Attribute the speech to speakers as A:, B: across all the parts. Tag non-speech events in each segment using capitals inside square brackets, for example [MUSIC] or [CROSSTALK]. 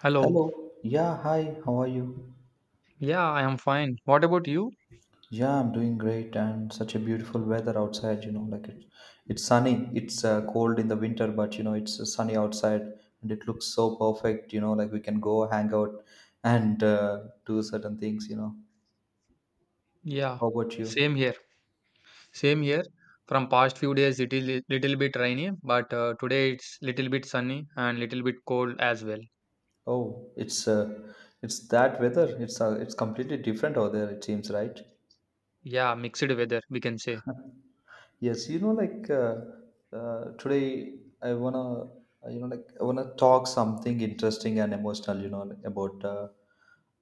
A: Hello.
B: Hello. Yeah, hi. How are you?
A: Yeah, I am fine. What about you?
B: Yeah, I'm doing great and such a beautiful weather outside, you know, like it's sunny. It's cold in the winter, but you know, it's sunny outside and it looks so perfect, you know, like we can go hang out and do certain things, you know.
A: Yeah,
B: How about
A: same
B: you?
A: here. Same here. From past few days, it is li- little bit rainy, but today it's little bit sunny and little bit cold as well.
B: Oh, it's that weather. It's completely different over there, it seems, right?
A: Yeah, mixed weather, we can say.
B: [LAUGHS] Yes, you know, today I wanna, uh, you know, like I wanna talk something interesting and emotional, you know, like, about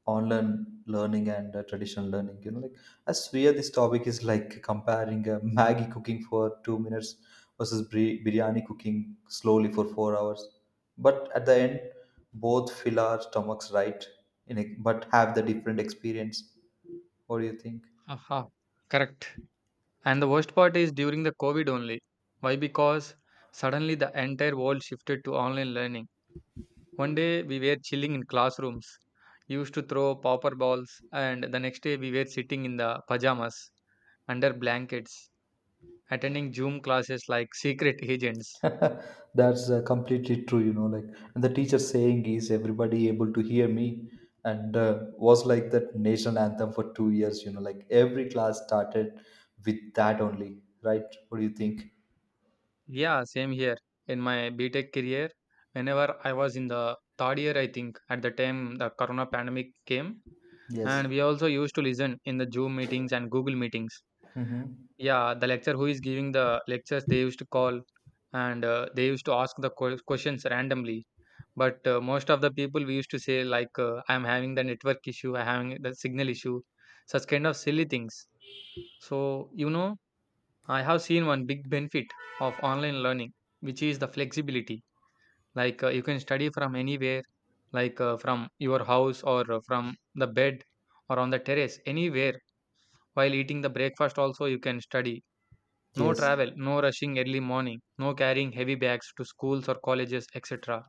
B: online learning and traditional learning. You know, like I swear this topic is like comparing Maggie cooking for 2 minutes versus biryani cooking slowly for 4 hours. But at the end, both fill our stomachs, right, in a, but have the different experience. What do you think?
A: Aha, correct. And the worst part is during the COVID only. Why? Because suddenly the entire world shifted to online learning. One day we were chilling in classrooms, used to throw popper balls, and the next day we were sitting in the pajamas under blankets attending Zoom classes like secret agents.
B: [LAUGHS] That's completely true, you know. Like, and the teacher saying is everybody able to hear me, and was like that national anthem for 2 years, you know. Like every class started with that only, right? What do you think?
A: Yeah, same here. In my BTech career, whenever I was in the third year, I think, at the time the corona pandemic came,
B: Yes.
A: and we also used to listen in the Zoom meetings and Google meetings.
B: Mm-hmm.
A: Yeah, the lecturer who is giving the lectures, they used to call and they used to ask the questions randomly. But most of the people we used to say, like, I'm having the network issue, I'm having the signal issue, such kind of silly things. So, you know, I have seen one big benefit of online learning, which is the flexibility. Like you can study from anywhere, like from your house or from the bed or on the terrace, anywhere while eating the breakfast, also you can study. No
B: Yes.
A: travel, no rushing early morning, no carrying heavy bags to schools or colleges, etc.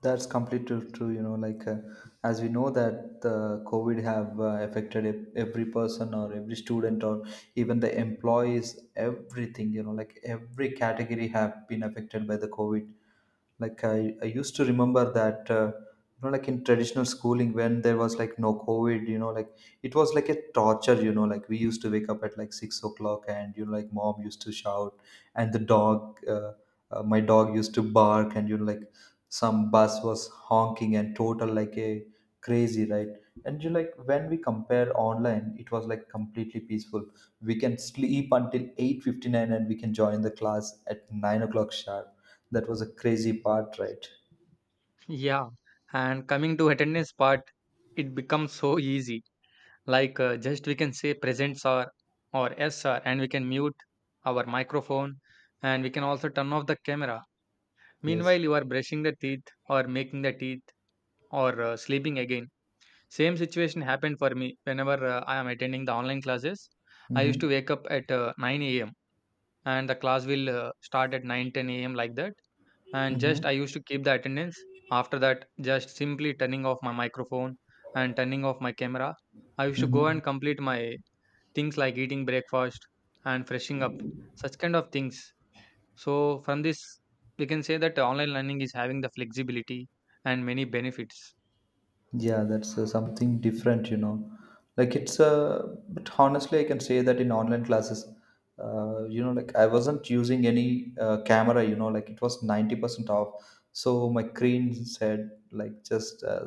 B: That's completely true. You know, like as we know that the COVID have affected every person or every student or even the employees, everything. You know, like every category have been affected by the COVID. Like I used to remember that, you know, like in traditional schooling when there was like no COVID. You know, like it was like a torture. You know, like we used to wake up at like 6 o'clock and you know, like mom used to shout and the dog. My dog used to bark and you know like some bus was honking and total like a crazy, right? And you like when we compare online it was like completely peaceful, we can sleep until 8:59 and we can join the class at 9 o'clock sharp. That was a crazy part, right?
A: Yeah, and coming to attendance part, it becomes so easy. Like just we can say present sir or yes sir, and we can mute our microphone and we can also turn off the camera.
B: Yes.
A: Meanwhile, you are brushing the teeth or making the teeth or sleeping again. Same situation happened for me whenever I am attending the online classes. I used
B: Mm-hmm.
A: to wake up at 9 a.m. and the class will start at 9:10 a.m. like that, and just I
B: Mm-hmm.
A: used to keep the attendance. After that, just simply turning off my microphone and turning off my camera, I used to go
B: Mm-hmm.
A: and complete my things like eating breakfast and freshing up, such kind of things. So from this we can say that online learning is having the flexibility and many benefits.
B: Yeah, that's something different, you know. Like it's but honestly, I can say that in online classes, you know, like I wasn't using any camera, you know, like it was 90% off. So my screen said like just uh,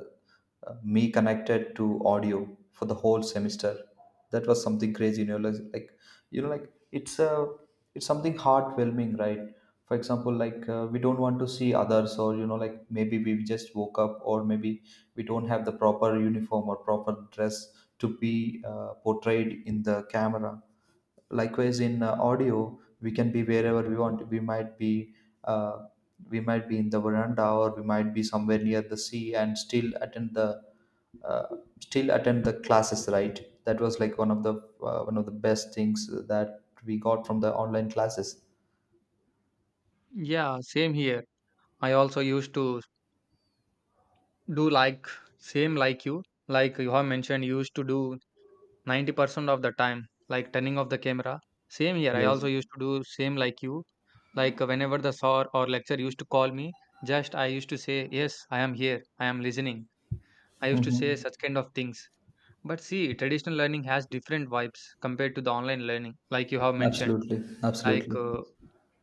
B: uh, me connected to audio for the whole semester. That was something crazy, you know, you know, like it's something heartwhelming, right? For example, like we don't want to see others, or you know, like maybe we just woke up, or maybe we don't have the proper uniform or proper dress to be portrayed in the camera. Likewise, in audio, we can be wherever we want. Uh, we might be in the veranda, or we might be somewhere near the sea, and still attend the uh, classes, right? That was like one of the best things that we got from the online classes.
A: Yeah, same here. I also used to do like same like you. Like you have mentioned, you used to do 90% of the time like turning off the camera. Same here, I
B: Yes.
A: also used to do same like you. Like whenever the sir or lecturer used to call me, just I used to say yes, I am here, I am listening. I used to say
B: Mm-hmm.
A: such kind of things. But see, traditional learning has different vibes compared to the online learning, like you have mentioned.
B: Absolutely,
A: Like,
B: absolutely.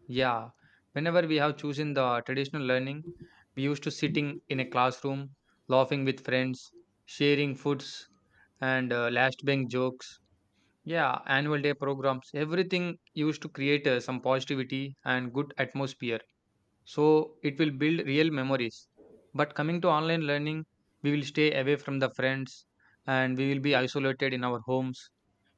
A: yeah, whenever we have chosen the traditional learning, we used to sitting in a classroom, laughing with friends, sharing foods, and last bench jokes. Yeah, annual day programs, everything used to create some positivity and good atmosphere. So it will build real memories. But coming to online learning, we will stay away from the friends and we will be isolated in our homes.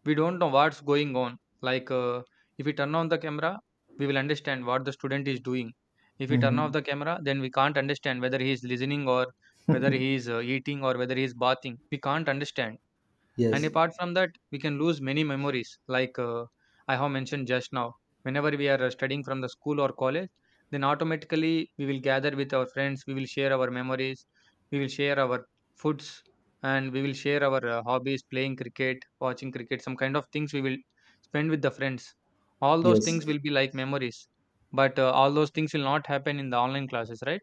A: We don't know what's going on. Like if we turn on the camera, we will understand what the student is doing. If we turn
B: Mm-hmm.
A: off the camera, then we can't understand whether he is listening or whether he is eating or whether he is bathing. We can't understand.
B: [LAUGHS]
A: And
B: Yes.
A: apart from that, we can lose many memories, like I have mentioned just now. Whenever we are studying from the school or college, then automatically we will gather with our friends, we will share our memories, we will share our foods, and we will share our hobbies, playing cricket, watching cricket, some kind of things we will spend with the friends. All those
B: Yes.
A: things will be like memories, but all those things will not happen in the online classes, right?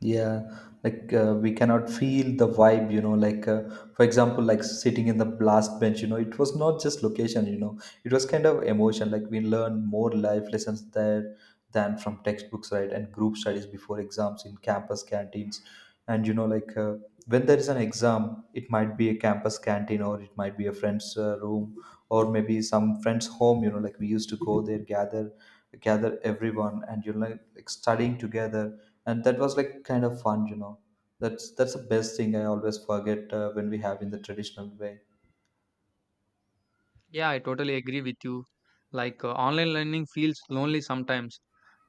B: Yeah, like we cannot feel the vibe, you know. Like, for example, like sitting in the blast bench, you know, it was not just location, you know, it was kind of emotion. Like, we learn more life lessons there than from textbooks, right? And group studies before exams in campus canteens. And, you know, like when there is an exam, it might be a campus canteen or it might be a friend's room or maybe some friend's home, you know, like we used to go there, gather everyone, and, you know, like studying together and that was like kind of fun, you know. That's the best thing I always forget when we have in the traditional way.
A: Yeah, I totally agree with you. Like online learning feels lonely sometimes.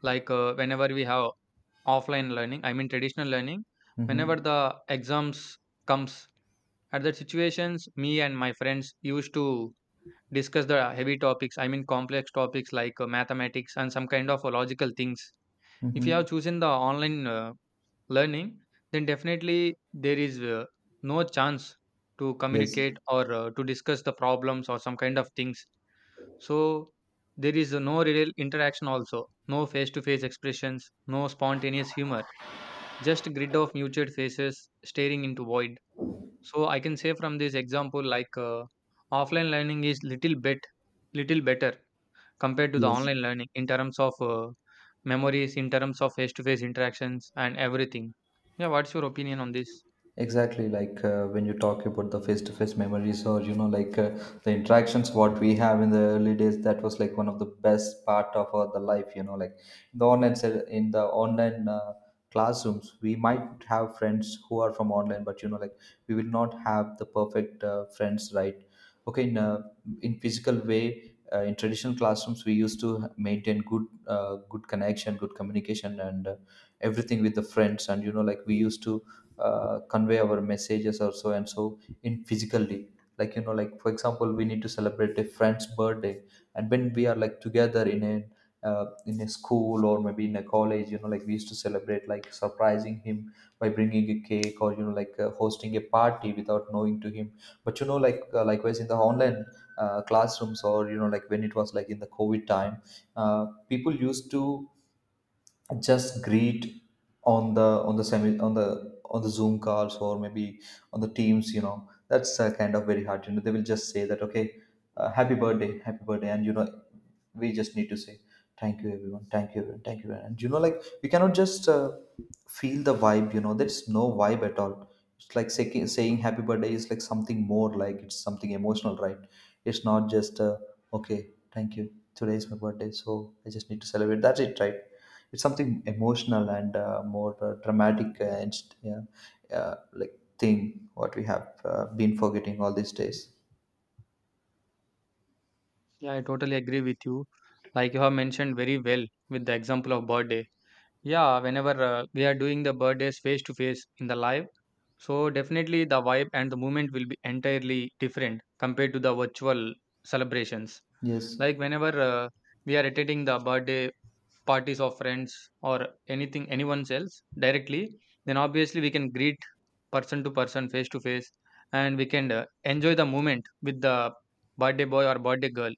A: Like whenever we have offline learning, I mean traditional learning, whenever
B: Mm-hmm.
A: the exams comes, at that situations, me and my friends used to discuss the heavy topics. I mean complex topics like mathematics and some kind of logical things. If you have
B: Mm-hmm.
A: chosen the online learning, then definitely there is no chance to
B: Yes.
A: communicate or to discuss the problems or some kind of things. So there is no real interaction also, no face to face expressions, no spontaneous humor, just grid of muted faces staring into void. So I can say from this example like offline learning is little bit little better compared to the
B: Yes.
A: online learning in terms of memories, in terms of face to face interactions and everything. Yeah, what's your opinion on this?
B: Exactly, like when you talk about the face-to-face memories or you know like the interactions what we have in the early days, that was like one of the best part of our the life, you know like the online classrooms we might have friends who are from online but you know like we will not have the perfect friends, right? Okay, in physical way, in traditional classrooms we used to maintain good good connection, good communication and everything with the friends and you know like we used to convey our messages or so and so in physically, like you know like for example we need to celebrate a friend's birthday and when we are like together in a school or maybe in a college, you know like we used to celebrate like surprising him by bringing a cake or you know like hosting a party without knowing to him. But you know like likewise in the online classrooms or you know like when it was like in the COVID time, people used to just greet on the Zoom calls or maybe on the Teams, you know. That's kind of very hard, you know. They will just say that okay, happy birthday, happy birthday, and you know we just need to say thank you everyone, thank you everyone, thank you everyone. And you know like we cannot just feel the vibe, you know. There's no vibe at all. It's like saying happy birthday is like something more, like it's something emotional, right? It's not just okay, thank you, today is my birthday, so I just need to celebrate, that's it, right? It's something emotional and more dramatic and yeah, like thing what we have been forgetting all these days.
A: Yeah, I totally agree with you. Like you have mentioned very well with the example of birthday. Yeah, whenever we are doing the birthdays face to face in the live, so definitely the vibe and the movement will be entirely different compared to the virtual celebrations.
B: Yes.
A: Like whenever we are attending the birthday parties of friends or anything, anyone else directly, then obviously we can greet person to person, face to face, and we can enjoy the moment with the birthday boy or birthday girl.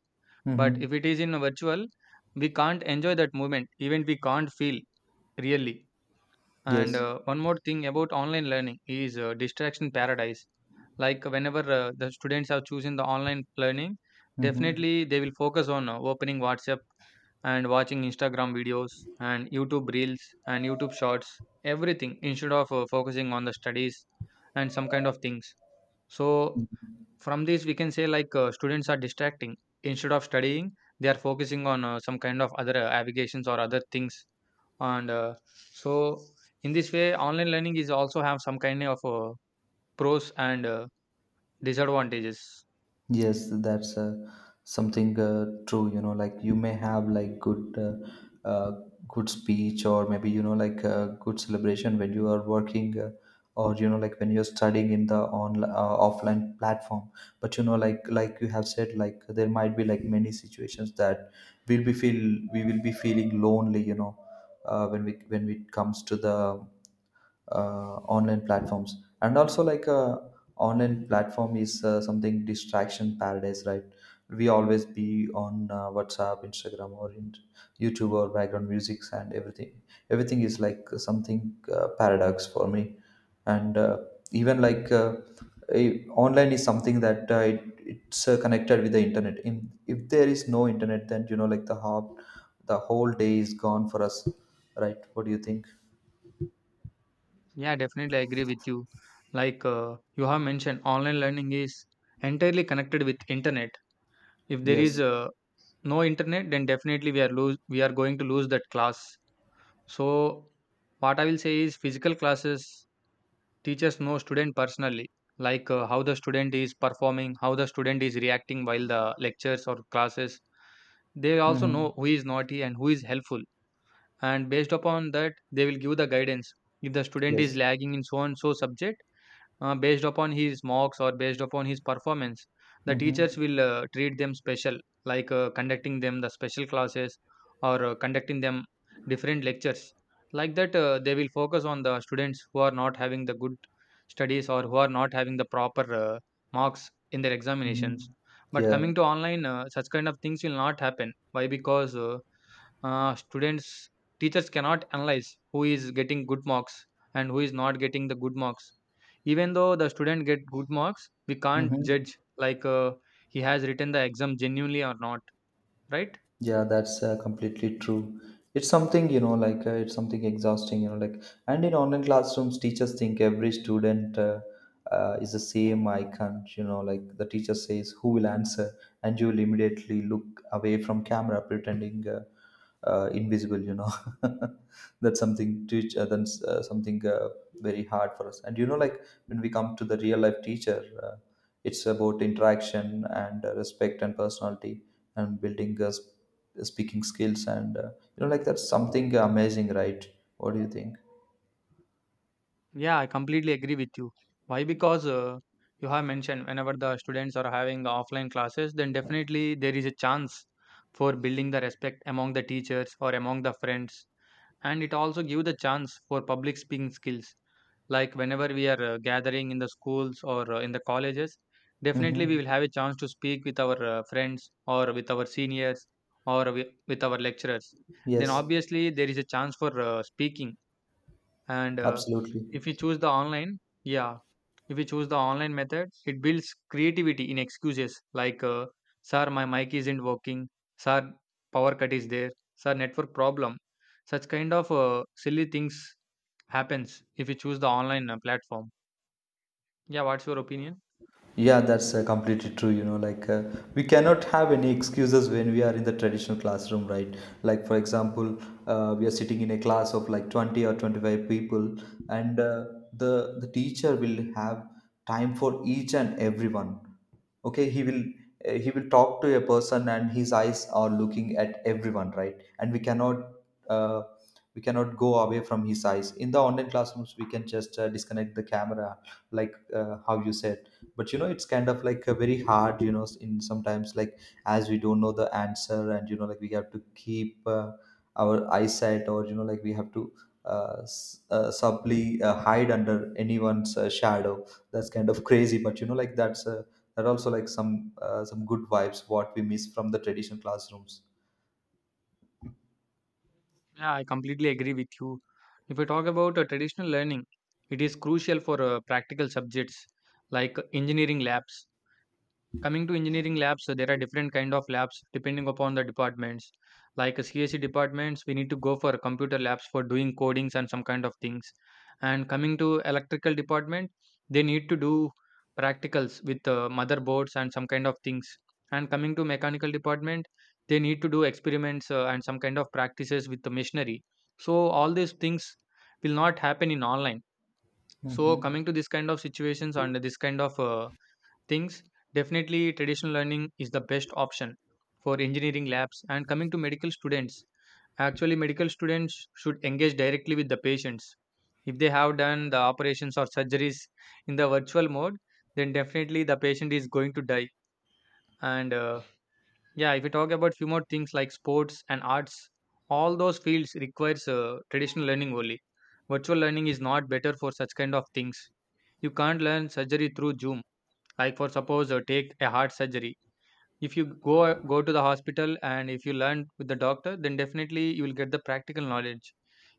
A: But
B: Mm-hmm.
A: if it is in a virtual, we can't enjoy that moment. Even we can't feel really. And
B: Yes.
A: one more thing about online learning is distraction paradise. Like whenever the students are choosing the online learning,
B: Mm-hmm.
A: definitely they will focus on opening WhatsApp and watching Instagram videos and YouTube reels and YouTube shorts, everything instead of focusing on the studies and some kind of things. So from this we can say like students are distracting instead of studying, they are focusing on some kind of other avocations or other things, and so in this way online learning is also have some kind of pros and disadvantages.
B: Yes, that's something true. You know, like you may have like good, good speech, or maybe you know like good celebration when you are working, or you know like when you're studying in the online offline platform. But you know, like you have said, like there might be like many situations that we will be feeling lonely. You know, when we when it comes to the online platforms. And also like online platform is something distraction paradise, right? We always be on WhatsApp, Instagram or in YouTube or background musics and everything. Everything is like something paradox for me, and even like eh, online is something that it's connected with the internet. In if there is no internet, then you know like the whole day is gone for us, right? What do you think?
A: Yeah, definitely I agree with you. Like you have mentioned online learning is entirely connected with internet. If there is
B: Yes.
A: no internet, then definitely we are lose, we are going to lose that class. So what I will say is physical classes, teachers know student personally, like how the student is performing, how the student is reacting while the lectures or classes. They also
B: Hmm.
A: know who is naughty and who is helpful, and based upon that they will give the guidance. If the student is
B: Yes.
A: lagging in so and so subject, based upon his marks or based upon his performance, the
B: Mm-hmm.
A: teachers will treat them special, like conducting them the special classes or conducting them different lectures, like that they will focus on the students who are not having the good studies or who are not having the proper marks in their
B: Mm-hmm.
A: examinations. But
B: Yeah.
A: coming to online, such kind of things will not happen. Why? Because students, teachers cannot analyze who is getting good marks and who is not getting the good marks. Even though the student get good marks, we can't
B: Hmm.
A: judge like he has written the exam genuinely or not, right?
B: Yeah, that's completely true. It's something, you know, like it's something exhausting, you know, like, and in online classrooms, teachers think every student is the same icon, you know, like the teacher says, who will answer? And you will immediately look away from camera, pretending invisible, you know. [LAUGHS] That's something, that's something very hard for us. And, you know, like when we come to the real life teacher, it's about interaction and respect and personality and building speaking skills and you know like that's something amazing, right? What do you think?
A: Yeah, I completely agree with you. Why? Because you have mentioned, whenever the students are having the offline classes, then definitely there is a chance for building the respect among the teachers or among the friends, and it also give the chance for public speaking skills. Like whenever we are gathering in the schools or in the colleges, definitely we
B: Mm-hmm.
A: will have a chance to speak with our friends or with our seniors or with our lecturers, then
B: Yes,
A: obviously there is a chance for speaking. And
B: absolutely.
A: if you choose the online, yeah, if you choose the online method, it builds creativity in excuses like sir my mic isn't working, sir power cut is there, sir network problem, such kind of silly things happens if you choose the online platform. Yeah, what's your opinion?
B: Yeah, that's completely true. You know, like we cannot have any excuses when we are in the traditional classroom, right? Like, for example, we are sitting in a class of like 20 or 25 people, and the teacher will have time for each and everyone. Okay, he will talk to a person and his eyes are looking at everyone, right? And uh, we cannot go away from his eyes. In the online classrooms we can just disconnect the camera, like how you said. But you know it's kind of like a very hard, you know, in sometimes, like as we don't know the answer and you know like we have to keep our eyesight or you know like we have to subtly hide under anyone's shadow. That's kind of crazy but you know like that's and also like some good vibes what we miss from the traditional classrooms.
A: Yeah, I completely agree with you. If we talk about traditional learning, it is crucial for practical subjects like engineering labs. Coming to engineering labs, so there are different kind of labs depending upon the departments. Like CSC departments, we need to go for computer labs for doing codings and some kind of things. And coming to electrical department, they need to do practicals with motherboards and some kind of things. And coming to mechanical department, they need to do experiments and some kind of practices with the machinery. So all these things will not happen in online. So
B: Hmm.
A: coming to this kind of situations and this kind of things, definitely traditional learning is the best option for engineering labs. And coming to medical students, actually, medical students should engage directly with the patients. If they have done the operations or surgeries in the virtual mode, then definitely the patient is going to die. And Yeah, if you talk about few more things like sports and arts, all those fields requires traditional learning only. Virtual learning is not better for such kind of things. You can't learn surgery through Zoom, like for suppose take a heart surgery. If you go to the hospital and if you learn with the doctor, then definitely you will get the practical knowledge.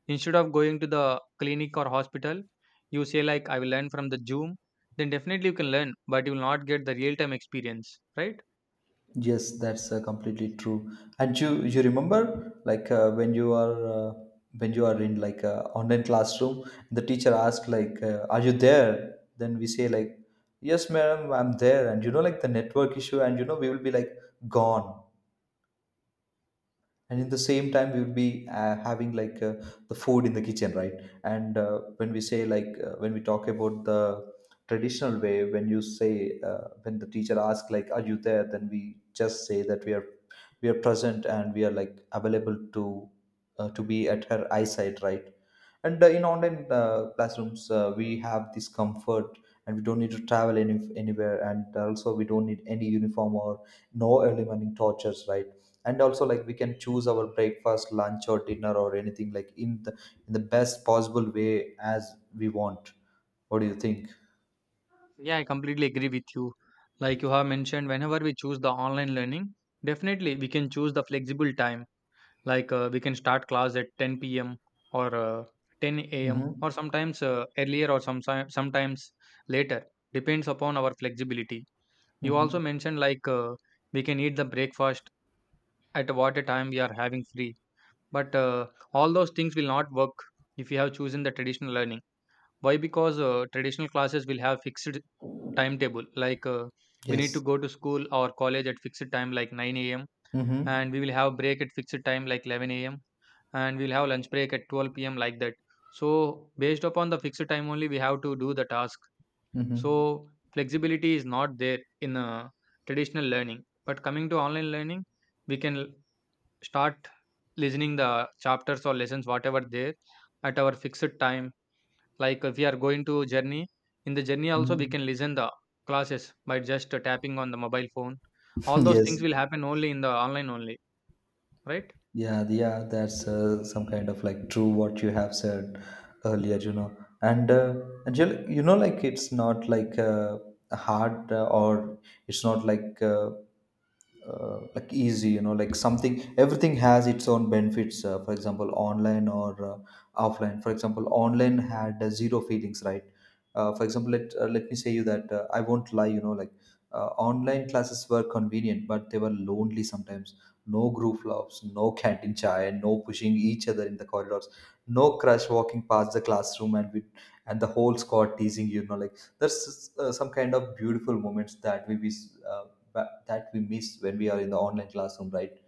A: Instead of going to the clinic or hospital, you say like I will learn from the Zoom, then definitely you can learn but you will not get the real time experience, right?
B: Yes, that's completely true. And you remember like when you are in like a online classroom, the teacher asks like, "Are you there?" Then we say like, "Yes, madam, I'm there." And you know like the network issue, and you know we will be like gone. And in the same time we would be having the food in the kitchen, right? And when we say when we talk about the traditional way, when you say when the teacher asks like, "Are you there?" then we just say that we are, we are present, and we are like available to be at her eyesight, right? And in online classrooms, we have this comfort, and we don't need to travel anywhere, and also we don't need any uniform or no early morning tortures, right? And also, like, we can choose our breakfast, lunch, or dinner, or anything, like, in the, in the best possible way as we want. What do you think?
A: Yeah, I completely agree with you. Like you have mentioned, whenever we choose the online learning, definitely we can choose the flexible time, like we can start class at 10 p.m. or 10 a.m. or
B: Mm-hmm.
A: sometimes earlier or sometimes later, depends upon our flexibility. You
B: Mm-hmm.
A: also mentioned like we can eat the breakfast at what a time we are having free, but all those things will not work if you have chosen the traditional learning. Why? Because traditional classes will have fixed timetable, like we need to
B: Yes.
A: go to school or college at fixed time like 9 a.m, and
B: Mm-hmm.
A: we will have break at fixed time like 11 a.m, and we'll have lunch break at 12 p.m, like that. So based upon the fixed time only we have to do the task.
B: Mm-hmm.
A: So flexibility is not there in traditional learning, but coming to online learning, we can l- start listening the chapters or lessons whatever there at our fixed time. Like if we are going to journey, in the journey also we
B: Mm-hmm.
A: can listen the classes by just tapping on the mobile phone. All
B: [LAUGHS]
A: those
B: Yes.
A: things will happen only in the online only, right?
B: Yeah, yeah, that's some kind of like true what you have said earlier, you know. And Angel, you know, like it's not like hard or it's not like like easy, you know, like something. Everything has its own benefits. For example, online or offline. For example, online had zero feelings, right? For example, let let me say you that I won't lie, you know, like online classes were convenient, but they were lonely sometimes. No group loves, no canteen chai, no pushing each other in the corridors, no crush walking past the classroom, and with, and the whole squad teasing, you know, like there's some kind of beautiful moments that we miss that we miss when we are in the online classroom, right?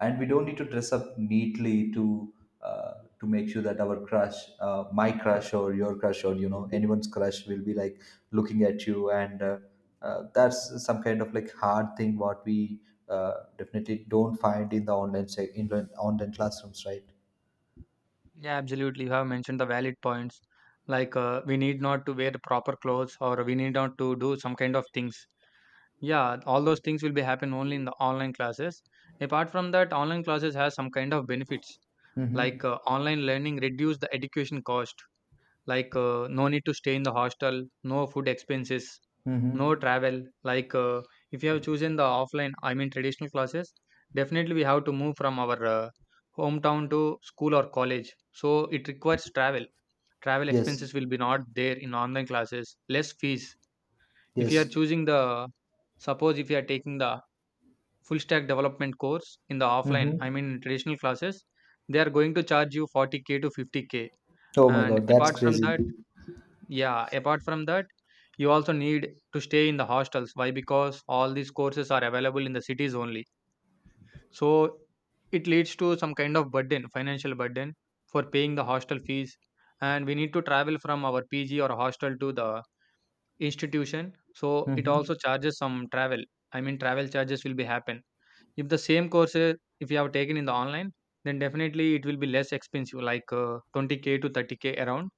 B: And we don't need to dress up neatly uh, to make sure that our crush, my crush or your crush, or you know, anyone's crush will be like looking at you, and that's some kind of like hard thing what we definitely don't find in the in the online classrooms, right?
A: Yeah, absolutely. You have mentioned the valid points. Like we need not to wear the proper clothes or we need not to do some kind of things. Yeah, all those things will be happen only in the online classes. Apart from that, online classes has some kind of benefits.
B: Mm-hmm.
A: Like online learning reduce the education cost, like no need to stay in the hostel, no food expenses, no
B: Mm-hmm.
A: travel. Like if you have chosen the offline, I mean traditional classes, definitely we have to move from our hometown to school or college. So it requires travel. Travel
B: Yes.
A: expenses will be not there in online classes. Less fees. If you are
B: Yes.
A: choosing the, suppose if you are taking the full stack development course in the offline, I
B: Mm-hmm.
A: mean traditional classes, they are going to charge you 40k to 50k.
B: Oh my
A: And
B: god, that's
A: apart from
B: crazy.
A: that, yeah, apart from that, you also need to stay in the hostels. Why? Because all these courses are available in the cities only. So it leads to some kind of burden, financial burden for paying the hostel fees. And we need to travel from our PG or hostel to the institution. So it also
B: Mm-hmm.
A: charges some travel. I mean, travel charges will be happen. If the same courses if you have taken in the online, then definitely it will be less expensive, like 20k to 30k around,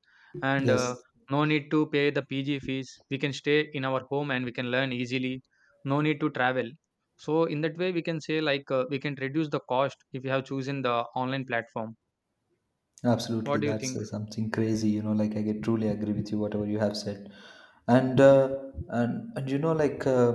A: and
B: Yes.
A: no need to pay the PG fees. We can stay in our home and we can learn easily. No need to travel. So in that way, we can say like we can reduce the cost if you have chosen the online platform.
B: Absolutely,
A: What do you
B: that's
A: think?
B: something crazy. You know, like I get truly agree with you whatever you have said, and and you know, like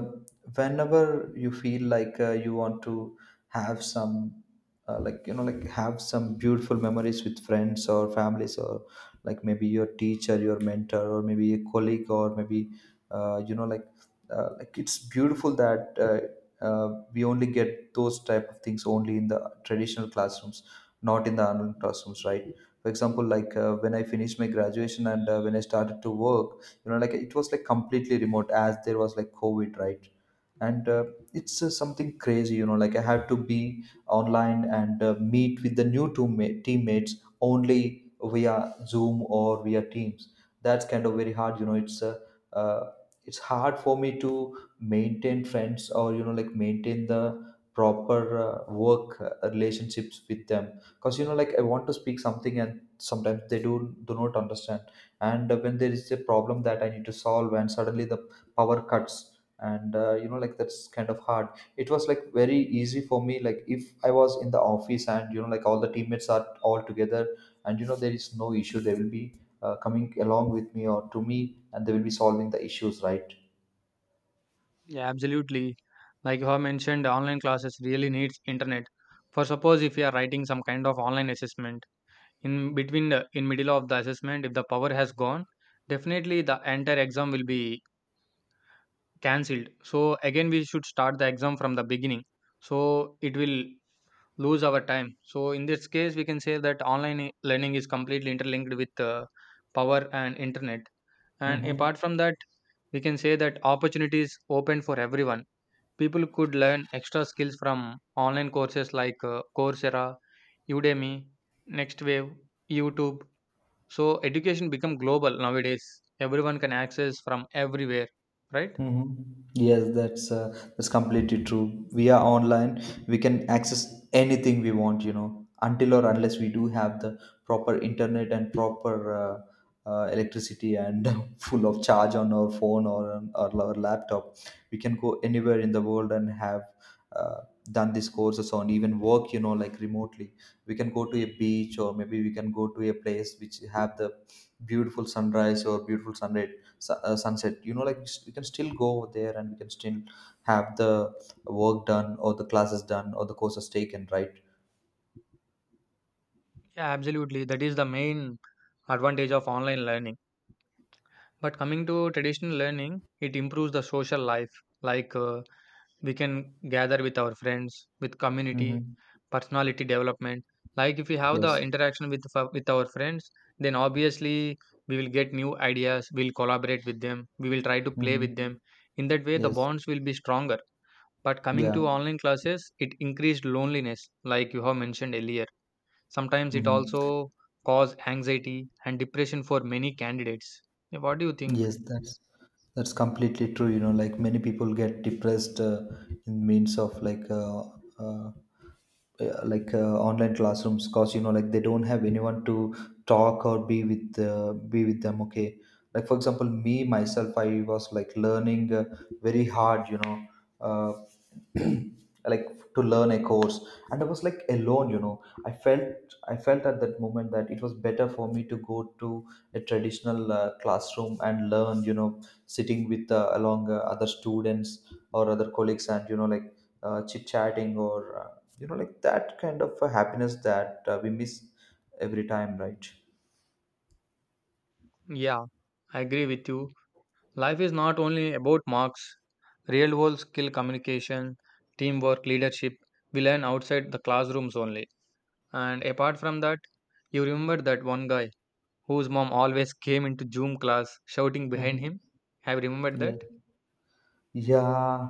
B: whenever you feel like you want to have some, like, you know, like have some beautiful memories with friends or families, or like maybe your teacher, your mentor, or maybe a colleague, or maybe you know, like it's beautiful that. We only get those type of things only in the traditional classrooms, not in the online classrooms, right? For example, like when I finished my graduation, and when I started to work, you know, like it was like completely remote as there was like COVID, right? And it's something crazy, you know, like I had to be online and meet with the new teammates only via Zoom or via Teams. That's kind of very hard, you know. It's uh, it's hard for me to maintain friends, or you know, like maintain the proper work relationships with them, because you know, like I want to speak something, and sometimes they do not understand. And when there is a problem that I need to solve, and suddenly the power cuts, and you know, like that's kind of hard. It was like very easy for me, like if I was in the office, and you know, like all the teammates are all together, and you know, there is no issue. They will be coming along with me or to me, and they will be solving the issues, right?
A: Yeah, absolutely. Like you have mentioned, online classes really needs internet. For suppose if you are writing some kind of online assessment, in middle of the assessment, if the power has gone, definitely the entire exam will be cancelled. So again we should start the exam from the beginning. So it will lose our time. So in this case we can say that learning is completely interlinked with power and internet. And
B: Mm-hmm.
A: apart from that, we can say that opportunities open for everyone. People could learn extra skills from online courses, like Coursera, Udemy, Next Wave, YouTube. So education become global nowadays. Everyone can access from everywhere, right?
B: Mhm. Yes, that's completely true. We are online. We can access anything we want, you know, until or unless we do have the proper internet and proper uh, electricity, and [LAUGHS] full of charge on our phone or on our laptop. We can go anywhere in the world and have uh, done these courses, on even work, you know, like remotely. We can go to a beach, or maybe we can go to a place which have the beautiful sunrise or beautiful sunset, sunset, you know, like we can still go over there, and we can still have the work done, or the classes done, or the courses taken, right?
A: Yeah, absolutely. That is the main advantage of online learning. But coming to traditional learning, it improves the social life. Like we can gather with our friends, with community,
B: Mm-hmm.
A: personality development. Like if we have the
B: Yes.
A: interaction with with our friends, then obviously we will get new ideas. We'll collaborate with them. We will try to play
B: Mm-hmm.
A: with them. In that way, the
B: Yes.
A: bonds will be stronger. But coming
B: Yeah.
A: to online classes, it increased loneliness, like you have mentioned earlier. Sometimes it
B: Mm-hmm.
A: also caused anxiety and depression for many candidates. Yeah, what do you think?
B: Yes, that's. That's completely true. You know, like many people get depressed in means of uh, like online classrooms, because you know, like they don't have anyone to talk or be with, be with them. Okay, like for example, me myself, I was like learning very hard. You know, uh, [CLEARS THROAT] like to learn a course, and I was like alone. You know, I felt at that moment that it was better for me to go to a traditional classroom and learn, you know, sitting with along other students or other colleagues, and you know, like chit chatting, or you know, like that kind of happiness that we miss every time, right?
A: Yeah, I agree with you. Life is not only about marks, real world skill communication, teamwork, leadership, we learn outside the classrooms only. And apart from that, you remember that one guy whose mom always came into Zoom class shouting behind
B: Mm-hmm.
A: him? Have you remembered that?
B: Yeah.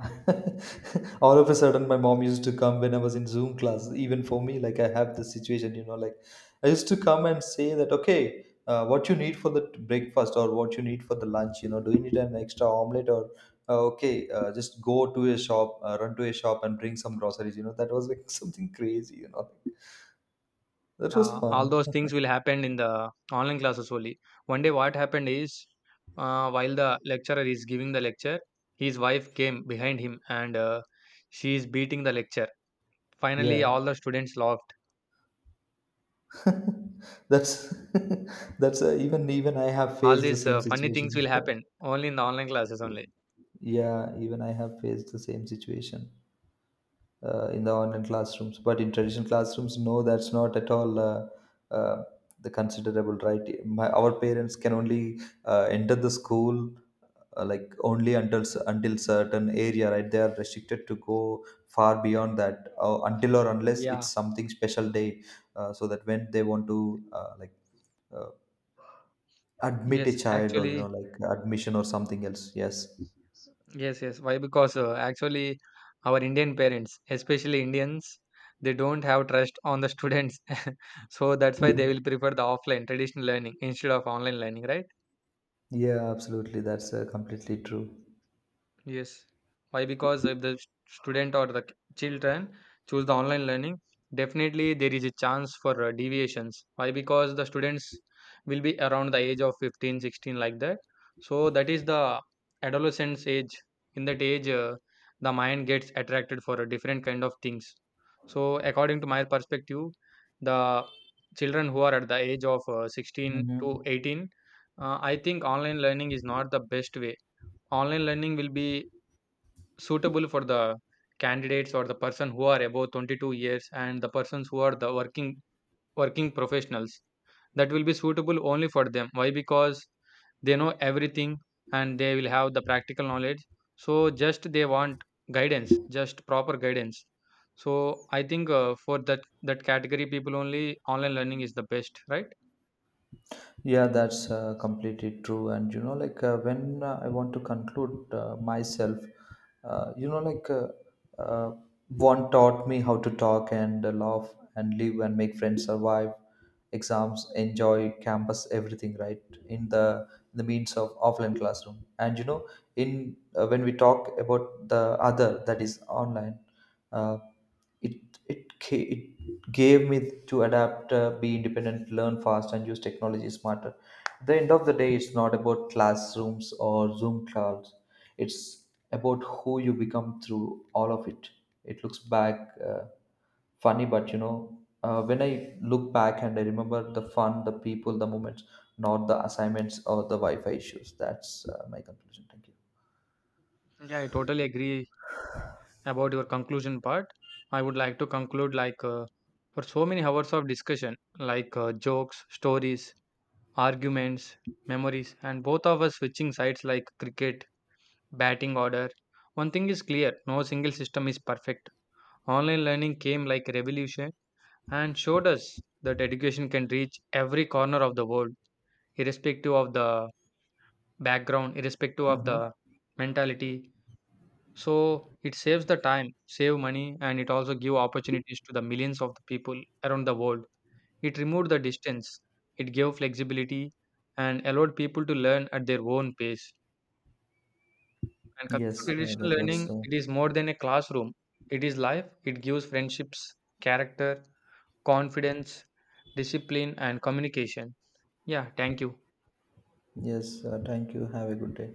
B: [LAUGHS] All of a sudden, my mom used to come when I was in Zoom class. Even for me, like I have this situation, you know, like I used to come and say that, okay, what you need for the breakfast, or what you need for the lunch, you know, do you need an extra omelette, or okay, just go to a shop, run to a shop and bring some groceries, you know, that was like [LAUGHS] something crazy, you know, that was
A: Yeah, all
B: fun.
A: those things will happen in the online classes only. One day, what happened is, while the lecturer is giving the lecture, his wife came behind him and she is beating the lecture. Finally,
B: Yeah,
A: all the students laughed.
B: [LAUGHS] that's [LAUGHS] that's even I have
A: All
B: faced the
A: these
B: same
A: funny things
B: situation.
A: will
B: [LAUGHS]
A: happen only in the online classes only.
B: Yeah, even I have faced the same situation in the online classrooms. But in traditional classrooms, no, that's not at all uh, the considerable, right? My, our parents can only enter the school like only until certain area, right? They are restricted to go far beyond that until or unless it's
A: Yeah,
B: something special day, so that when they want to like uh, admit
A: yes,
B: a child, or you
A: actually,
B: know, like admission or something else. Yes.
A: yes, yes. Why? Because actually, our Indian parents, especially Indians, they don't have trust on the students. [LAUGHS] So that's why they will
B: [LAUGHS]
A: prefer the offline traditional learning instead of online learning, right?
B: Yeah, absolutely. That's completely true.
A: Yes. Why? Because if the student or the children choose the online learning, definitely there is a chance for deviations. Why? Because the students will be around the age of 15, 16, like that. So that is the adolescence age. In that age, the mind gets attracted for a different kind of things. So according to my perspective, the children who are at the age of 16 to
B: Hmm.
A: 18, I think online learning is not the best way. Online learning will be suitable for the candidates or the person who are above 22 years and the persons who are the working professionals. That will be suitable only for them. Why? Because they know everything and they will have the practical knowledge. So just they want guidance, just proper guidance. So I think for that category people only online learning is the best, right?
B: Yeah, that's completely true. And you know, like when I want to conclude myself, you know, like uh, one taught me how to talk, and laugh, and live, and make friends, survive exams, enjoy campus, everything, right? In the means of offline classroom. And you know, in when we talk about the other, that is online. Uh, it gave me to adapt, be independent, learn fast, and use technology smarter. At the end of the day, it's not about classrooms or Zoom calls. It's about who you become through all of it. It looks back, uh, funny, but you know, when I look back and I remember the fun, the people, the moments, not the assignments or the Wi-Fi issues. That's my conclusion. Thank you.
A: Yeah, I totally agree about your conclusion part. I would like to conclude like for so many hours of discussion, like jokes, stories, arguments, memories, and both of us switching sides like cricket batting order, one thing is clear: no single system is perfect. Online learning came like a revolution and showed us that education can reach every corner of the world, irrespective of the background, irrespective of the
B: Mm-hmm.
A: mentality. So it saves the time, save money, and it also give opportunities to the millions of the people around the world. It removed the distance. It gave flexibility and allowed people to learn at their own pace. And coming
B: Yes,
A: to traditional
B: that was
A: learning, it is more than a classroom. It is life. It gives friendships, character, confidence, discipline, and communication. Yeah, thank you.
B: yes, thank you, have a good day.